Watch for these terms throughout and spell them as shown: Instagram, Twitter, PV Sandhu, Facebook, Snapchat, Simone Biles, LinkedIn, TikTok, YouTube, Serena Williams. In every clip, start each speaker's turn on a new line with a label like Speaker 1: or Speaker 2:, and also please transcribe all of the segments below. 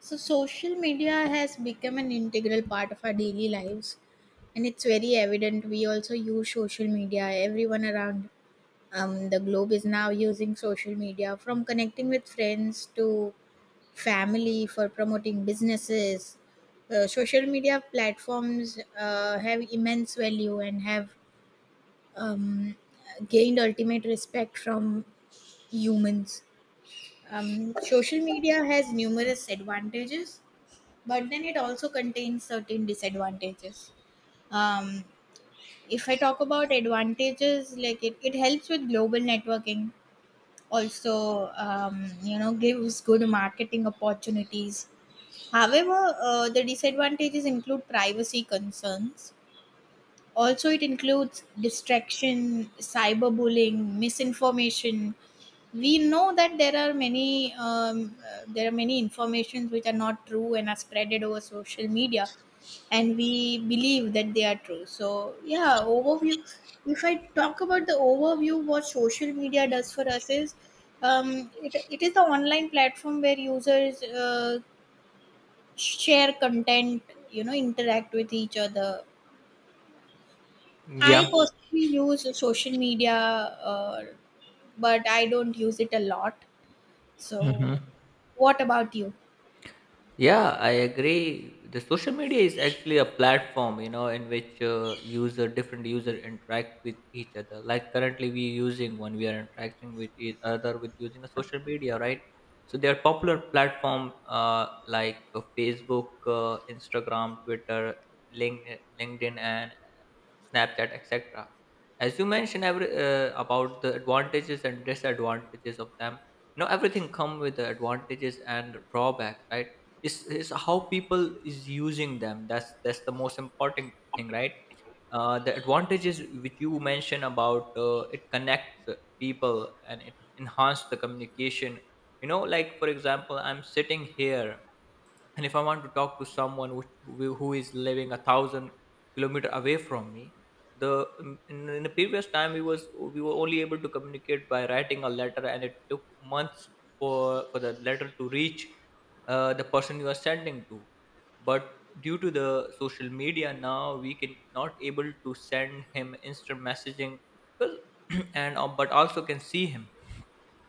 Speaker 1: So social media has become an integral part of our daily lives, and it's very evident. We also use social media. Everyone around the globe is now using social media, from connecting with friends to family for promoting businesses. Social media platforms have immense value and have um, gained ultimate respect from humans. Social media has numerous advantages, but then it also contains certain disadvantages. um, if I talk about advantages, like it helps with global networking, also, gives good marketing opportunities. However, the disadvantages include privacy concerns, also it includes distraction, cyberbullying, misinformation. We know that there are many informations which are not true and are spreaded over social media, and we believe that they are true. So yeah, overview. If I talk about the overview, what social media does for us is, it is the online platform where users share content, you know, interact with each other. I
Speaker 2: Yeah.
Speaker 1: personally use social media, but I don't use it a lot. So,
Speaker 2: hmm
Speaker 1: what about you?
Speaker 2: Yeah, I agree. The social media is actually a platform, you know, in which user different user interact with each other. Like currently, we using when we are interacting with each other with using a social media, right? So there are popular platform like Facebook, Instagram, Twitter, LinkedIn, and Snapchat, etc. As you mentioned about the advantages and disadvantages of them, you know everything come with the advantages and drawbacks, right? Is how people is using them, that's the most important thing, right? The advantages which you mentioned about, it connects people and it enhances the communication. You know, like, for example, I'm sitting here, and if I want to talk to someone who is living a thousand kilometer away from me, the in the previous time, we were only able to communicate by writing a letter, and it took months for for the letter to reach the person you are sending to. But due to the social media, now we can not able to send him instant messaging, because and but also can see him,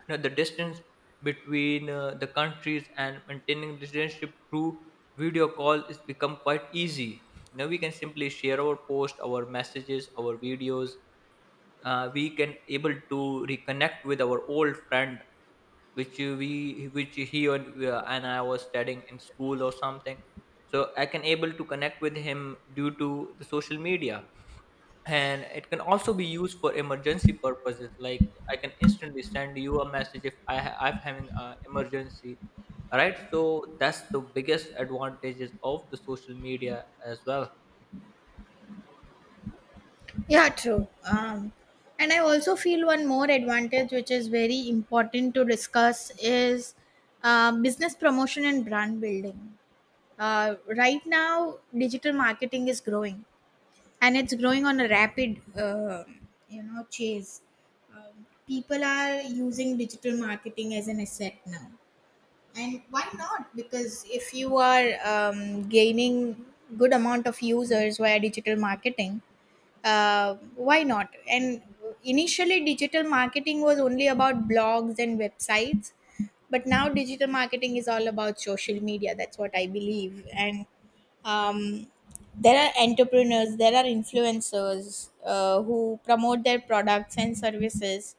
Speaker 2: you know, the distance between the countries, and maintaining relationship through video call is become quite easy. Now we can simply share our post, our messages, our videos. Uh, we can able to reconnect with our old friend, which we which he and I was studying in school or something, so I can able to connect with him due to the social media. And it can also be used for emergency purposes, like I can instantly send you a message if I'm having an emergency, right? So that's the biggest advantages of the social media as well.
Speaker 1: Yeah, true. And I also feel one more advantage, which is very important to discuss, is business promotion and brand building. Right now, digital marketing is growing, and it's growing on a rapid, chase. People are using digital marketing as an asset now, and why not? Because if you are gaining good amount of users via digital marketing, why not? And initially, digital marketing was only about blogs and websites, but now digital marketing is all about social media. That's what I believe. And um, there are entrepreneurs, there are influencers who promote their products and services,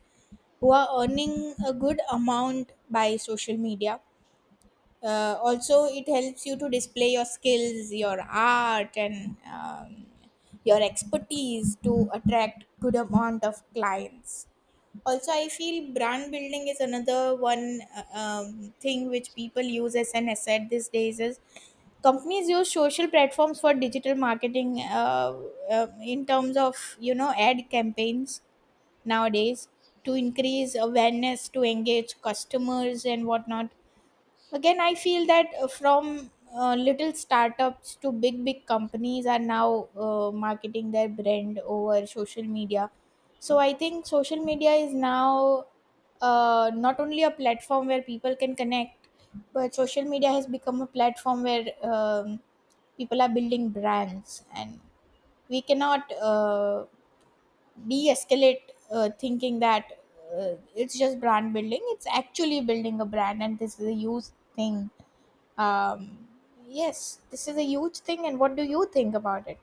Speaker 1: who are earning a good amount by social media. Also, it helps you to display your skills, your art, and your expertise to attract good amount of clients. Also, I feel brand building is another one thing which people use as an asset these days is companies use social platforms for digital marketing, in terms of, you know, ad campaigns nowadays, to increase awareness, to engage customers and whatnot. Again, I feel that from little startups to big, big companies are now marketing their brand over social media. So I think social media is now not only a platform where people can connect, but social media has become a platform where people are building brands, and we cannot de-escalate, thinking that it's just brand building. It's actually building a brand, and this is a huge thing. um, yes, this is a huge thing. And what do you think about it?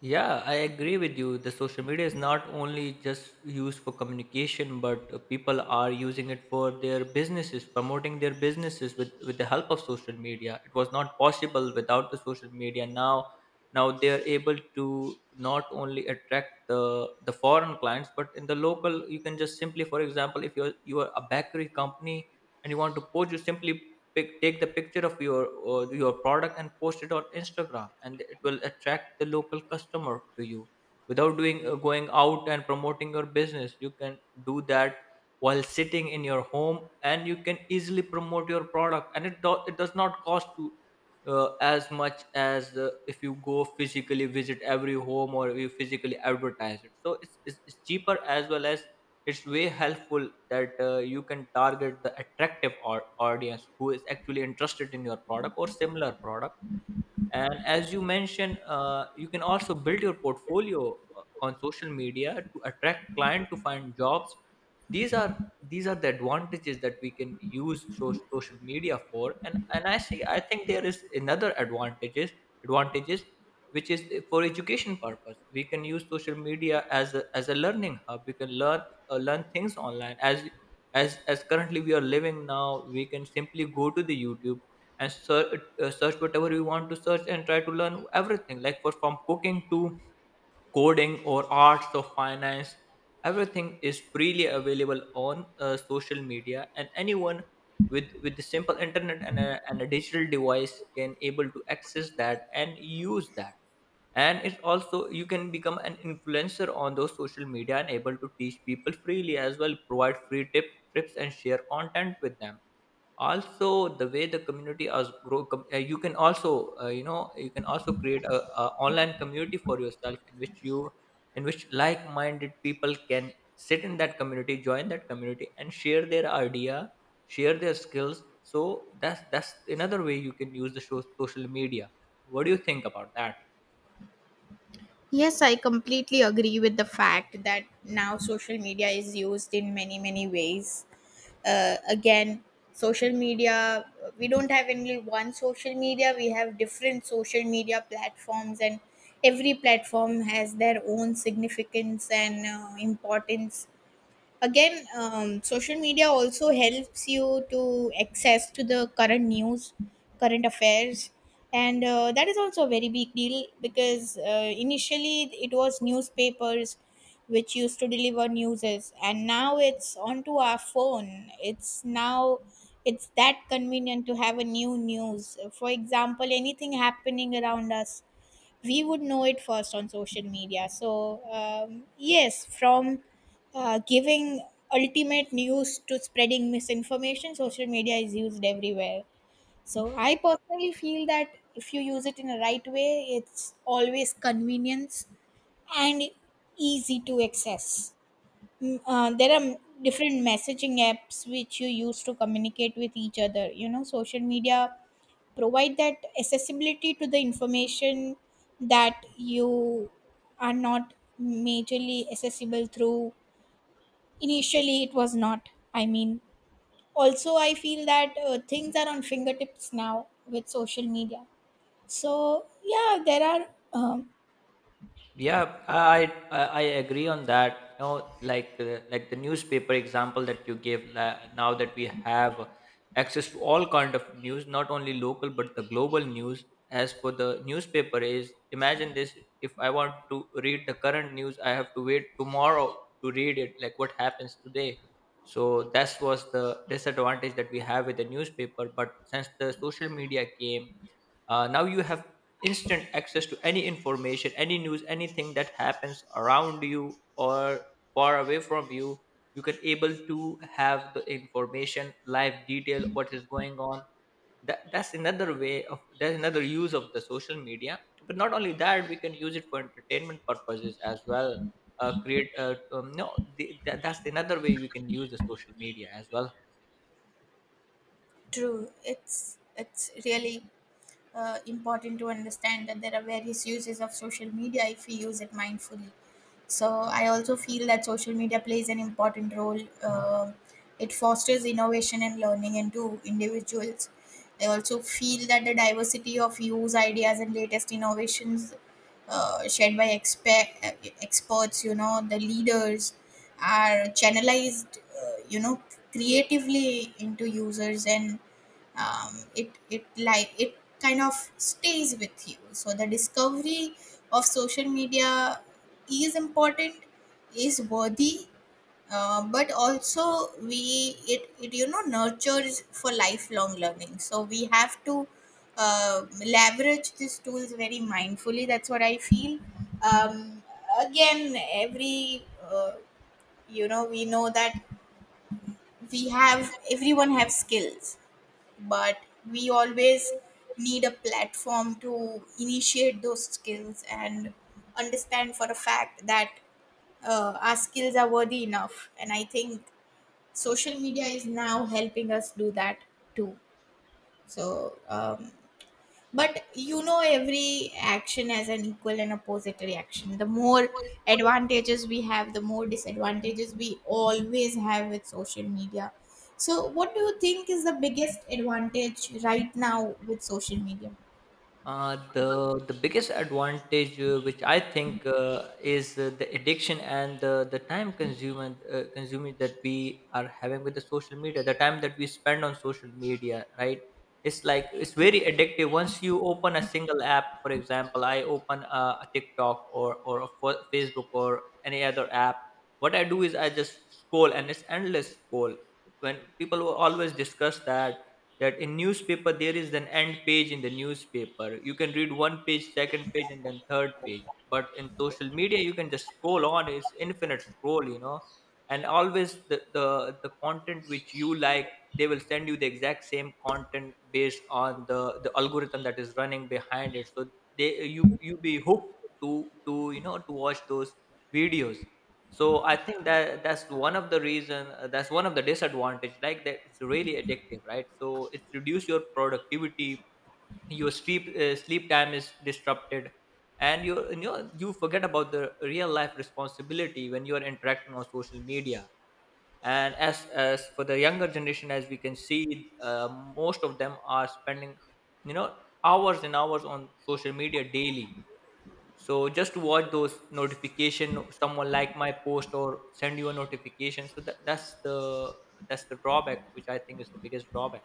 Speaker 2: Yeah, I agree with you. The social media is not only just used for communication, but people are using it for their businesses, promoting their businesses with the help of social media. It was not possible without the social media. Now they are able to not only attract the foreign clients, but in the local, you can just simply, for example, if you are a bakery company and you want to post, you simply take the picture of your product and post it on Instagram, and it will attract the local customer to you without doing going out and promoting your business. You can do that while sitting in your home, and you can easily promote your product, and it does not cost you. As much as if you go physically visit every home or you physically advertise it, so it's cheaper as well as it's way helpful that you can target the attractive or audience who is actually interested in your product or similar product. And as you mentioned, you can also build your portfolio on social media to attract client to find jobs. These are the advantages that we can use social media for. And I see I think there is another advantages which is for education purpose. We can use social media as as a learning hub. We can learn learn things online as as currently we are living. Now we can simply go to the YouTube and search, search whatever we want to search and try to learn everything, like for from cooking to coding or arts or finance. Everything is freely available on social media, and anyone with the simple internet and and a digital device can able to access that and use that. And it's also you can become an influencer on those social media and able to teach people freely as well, provide free tips and share content with them. Also, the way the community as grow, you can also you know, you can also create a online community for yourself in which you in which like-minded people can sit in that community, join that community and share their idea, share their skills. So that's another way you can use the social media. What do you think about that?
Speaker 1: Yes, I completely agree with the fact that now social media is used in many, many ways. Again, social media, we don't have only one social media, we have different social media platforms, and every platform has their own significance and importance. Again, social media also helps you to access to the current news, current affairs, and that is also a very big deal, because initially it was newspapers which used to deliver news, and now it's onto our phone. It's now, it's that convenient to have a new news. For example, anything happening around us, we would know it first on social media. So, yes, from giving ultimate news to spreading misinformation, social media is used everywhere. So, I personally feel that if you use it in a right way, it's always convenience and easy to access. Mm. There are different messaging apps which you use to communicate with each other. You know, social media provide that accessibility to the information that you are not majorly accessible through. Initially it was not, I mean, also I feel that things are on fingertips now with social media. So yeah, there are um,
Speaker 2: Yeah, I agree on that. You know, like the newspaper example that you gave. Now that we have access to all kind of news, not only local but the global news. As for the newspaper, is imagine this: if I want to read the current news, I have to wait tomorrow to read it. Like what happens today, so that was the disadvantage that we have with the newspaper. But since the social media came, now you have instant access to any information, any news, anything that happens around you or far away from you. You can able to have the information live, detail what is going on. That's another way of, that's another use of the social media. But not only that, we can use it for entertainment purposes as well. Create no the, that, That's another way we can use the social media as well.
Speaker 1: true. It's really important to understand that there are various uses of social media if we use it mindfully. So I also feel that social media plays an important role. It fosters innovation and learning into individuals. I also feel that the diversity of views, ideas, and latest innovations shared by experts, you know, the leaders, are channelized, creatively into users, and it like it kind of stays with you. So the discovery of social media is important, is worthy, but also we it you know, nurtures for lifelong learning, so we have to leverage these tools very mindfully. That's what I feel. um, Again, every uh, you know, we know that we have everyone have skills, but we always need a platform to initiate those skills and understand for a fact that our skills are worthy enough, and I think social media is now helping us do that too. So but you know, every action has an equal and opposite reaction. The more advantages we have, the more disadvantages we always have with social media. So, what do you think is the biggest advantage right now with social media?
Speaker 2: The biggest advantage, which I think, is the addiction and the time consuming, that we are having with the social media. The time that we spend on social media, right? It's like it's very addictive. Once you open a single app, for example, I open a TikTok or a Facebook or any other app. What I do is I just scroll, and it's endless scroll. When people will always discuss that in newspaper there is an end page. In the newspaper you can read one page, second page, and then third page, but in social media you can just scroll on, it's infinite scroll, you know. And always the content which you like, they will send you the exact same content based on the algorithm that is running behind it. So they, you be hooked to to, you know, to watch those videos. So I think that's one of the reason, that's one of the disadvantage, like that it's really addictive, right? So it's reduce your productivity, your sleep, sleep time is disrupted, and you know, you forget about the real life responsibility when you are interacting on social media. And as for the younger generation, as we can see, most of them are spending, you know, hours and hours on social media daily. So just to watch those notification, someone like my post or send you a notification. So that's the, that's the drawback which I think is the biggest drawback.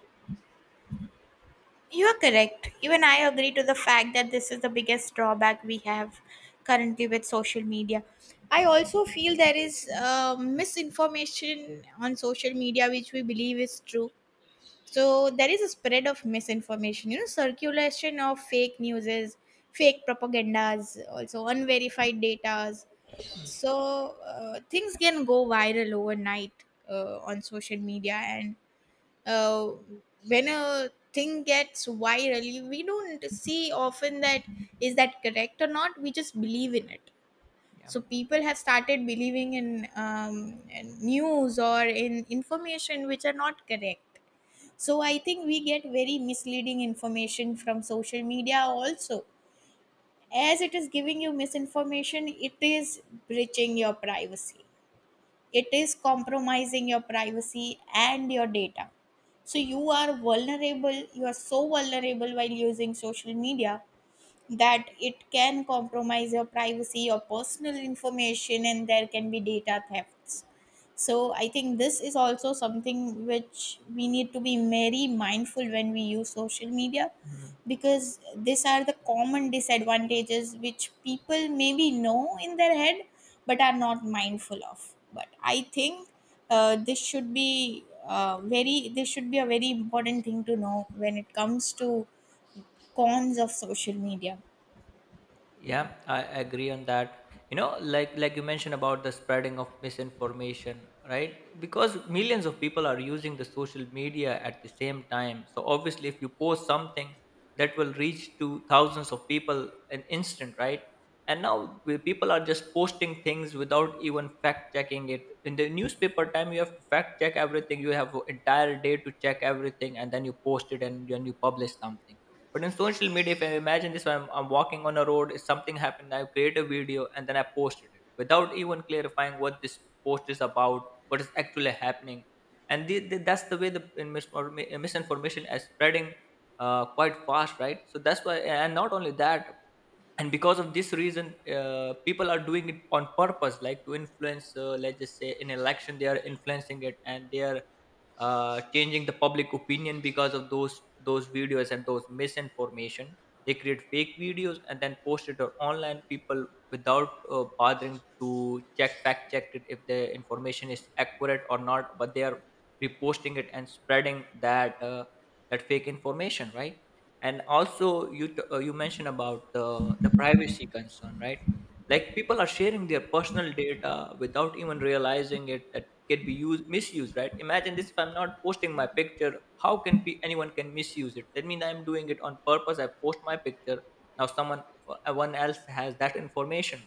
Speaker 1: You are correct. Even I agree to the fact that this is the biggest drawback we have currently with social media. I also feel there is misinformation on social media which we believe is true. So there is a spread of misinformation, you know, circulation of fake newses, fake propagandas, also unverified datas. So things can go viral overnight on social media, and uh, when a thing gets viral, we don't see often that is that correct or not. We just believe in it.
Speaker 2: Yeah.
Speaker 1: So people have started believing in news or in information which are not correct. So I think we get very misleading information from social media also. As it is giving you misinformation, it is breaching your privacy. It is compromising your privacy and your data. So you are vulnerable, you are so vulnerable while using social media, that it can compromise your privacy, your personal information, and there can be data thefts. So I think this is also something which we need to be very mindful when we use social media,
Speaker 2: Mhm.
Speaker 1: because these are the common disadvantages which people maybe know in their head but are not mindful of. But I think this should be very this should be a very important thing to know when it comes to cons of social media.
Speaker 2: Yeah, I agree on that. You know, like you mentioned about the spreading of misinformation, right? Because millions of people are using the social media at the same time. So obviously, if you post something, that will reach to thousands of people in instant, right? And now people are just posting things without even fact checking it. In the newspaper time, you have to fact check everything. You have an entire day to check everything, and then you post it and then you publish something. But in social media, if I imagine this, I'm walking on a road, if something happened, I create a video and then I posted it without even clarifying what this post is about, what is actually happening. And that's the way the in mis- or mi- misinformation is spreading quite fast, right? So that's why, and not only that, and because of this reason, people are doing it on purpose, like to influence, let's just say in election they are influencing it, and they are changing the public opinion because of those videos and those misinformation. They create fake videos and then post it on online people without bothering to check, fact check it if the information is accurate or not, but they are reposting it and spreading that that fake information, right? And also you mentioned about the privacy concern, right? Like people are sharing their personal data without even realizing it, that it can be used, misused, right? Imagine this, if I'm not posting my picture, how can anyone can misuse it? That means I'm doing it on purpose, I post my picture, now someone, one else has that information.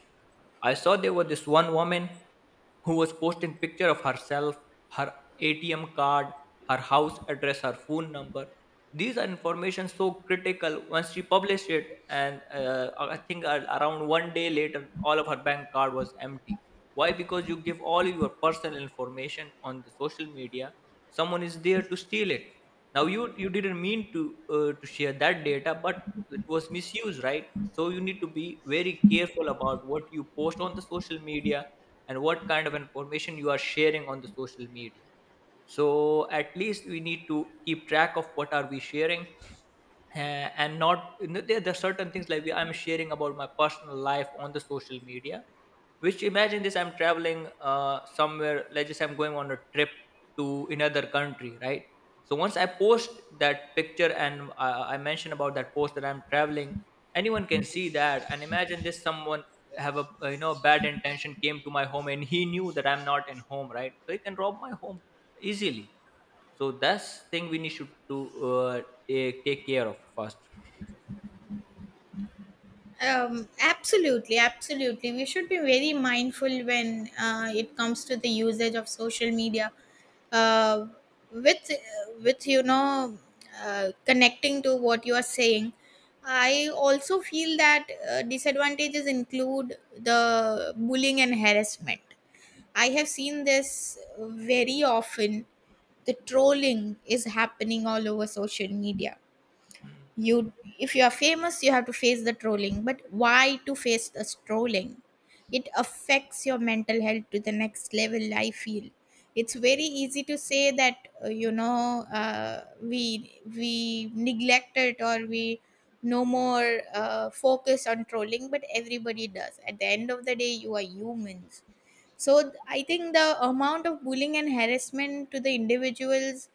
Speaker 2: I saw there was this one woman who was posting picture of herself, her ATM card, her house address, her phone number. These are information so critical. Once she published it, and I think around one day later, all of her bank card was empty. Why? Because you give all your personal information on the social media. Someone is there to steal it. Now you didn't mean to share that data, but it was misused, right? So you need to be very careful about what you post on the social media, and what kind of information you are sharing on the social media. So at least we need to keep track of what are we sharing. uh, and not, you know, there are certain things like I'm sharing about my personal life on the social media, which, imagine this, I'm traveling somewhere, let's just say I'm going on a trip to another country, right? So once I post that picture, and I mention about that post that I'm traveling, anyone can see that. And imagine this, someone have a, you know, bad intention came to my home and he knew that I'm not in home, right? So he can rob my home easily. So that's thing we need to do, take care of first.
Speaker 1: Absolutely, absolutely. We should be very mindful when it comes to the usage of social media. Uh, with you know, connecting to what you are saying, I also feel that disadvantages include the bullying and harassment. I have seen this very often. The trolling is happening all over social media. You, if you are famous, you have to face the trolling, but why to face the trolling? It affects your mental health to the next level, I feel. It's very easy to say that we neglect it, or we no more focus on trolling, but everybody does. At the end of the day, you are humans. So I think the amount of bullying and harassment to the individuals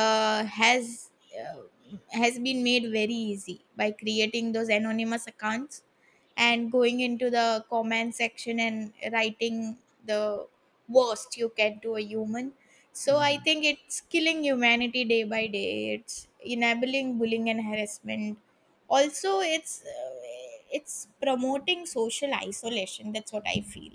Speaker 1: uh, has uh, has been made very easy by creating those anonymous accounts and going into the comment section and writing the worst you can to a human. So I
Speaker 2: Mhm,
Speaker 1: think it's killing humanity day by day. It's enabling bullying and harassment. Also, it's promoting social isolation. That's what I feel.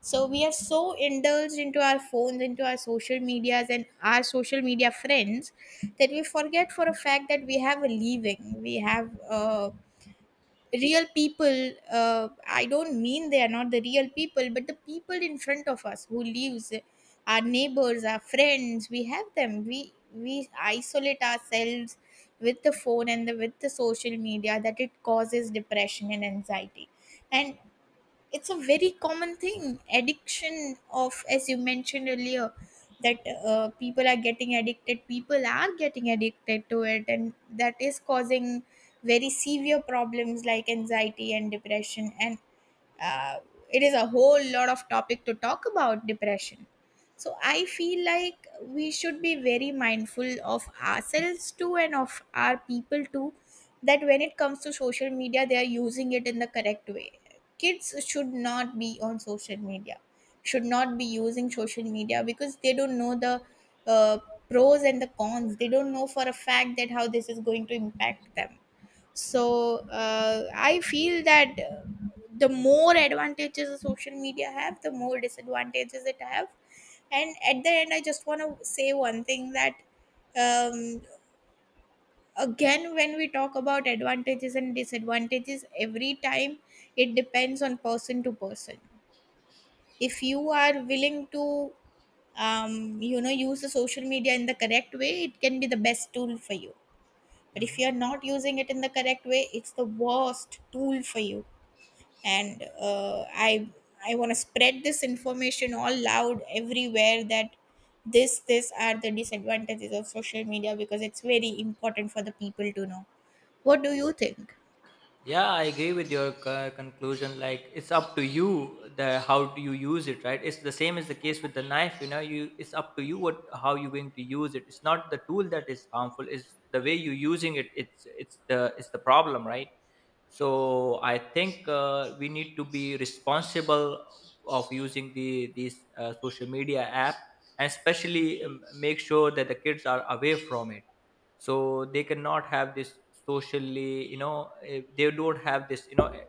Speaker 1: So we are so indulged into our phones, into our social medias, and our social media friends, that we forget for a fact that we have a living, we have a real people. I don't mean they are not the real people, but the people in front of us who lives, our neighbors, our friends, we have them. We isolate ourselves with the phone and the, with the social media, that it causes depression and anxiety. And it's a very common thing, addiction of, as you mentioned earlier, that people are getting addicted to it, and that is causing very severe problems like anxiety and depression. And uh, it is a whole lot of topic to talk about depression. So I feel like we should be very mindful of ourselves too, and of our people too, that when it comes to social media, they are using it in the correct way. Kids should not be on social media, should not be using social media, because they don't know the uh, pros and the cons. They don't know for a fact that how this is going to impact them. So I feel that the more advantages the social media have, the more disadvantages it have. And at the end, I just want to say one thing, that um, again, when we talk about advantages and disadvantages every time, it depends on person to person. If you are willing to you know, use the social media in the correct way, it can be the best tool for you. But if
Speaker 2: mhm.
Speaker 1: you're not using it in the correct way, it's the worst tool for you. And I want to spread this information all loud everywhere, that this are the disadvantages of social media, because it's very important for the people to know. What do you think?
Speaker 2: Yeah, I agree with your conclusion. Like it's up to you the how do you use it, right? It's the same as the case with the knife. You know, you it's up to you what how you're going to use it. It's not the tool that is harmful. It's the way you're using it. It's the problem, right? So I think, we need to be responsible of using these social media app, and especially make sure that the kids are away from it, so they cannot have this socially, you know, they don't have this, you know, eh,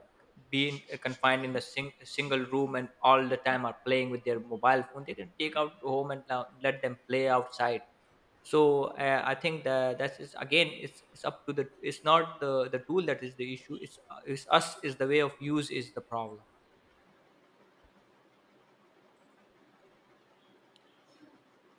Speaker 2: being eh, confined in a single room, and all the time are playing with their mobile phone. They can take out home and now let them play outside. So I think that that is again, it's up to the it's not the tool that is the issue, it's, it's us is the way of use is the problem.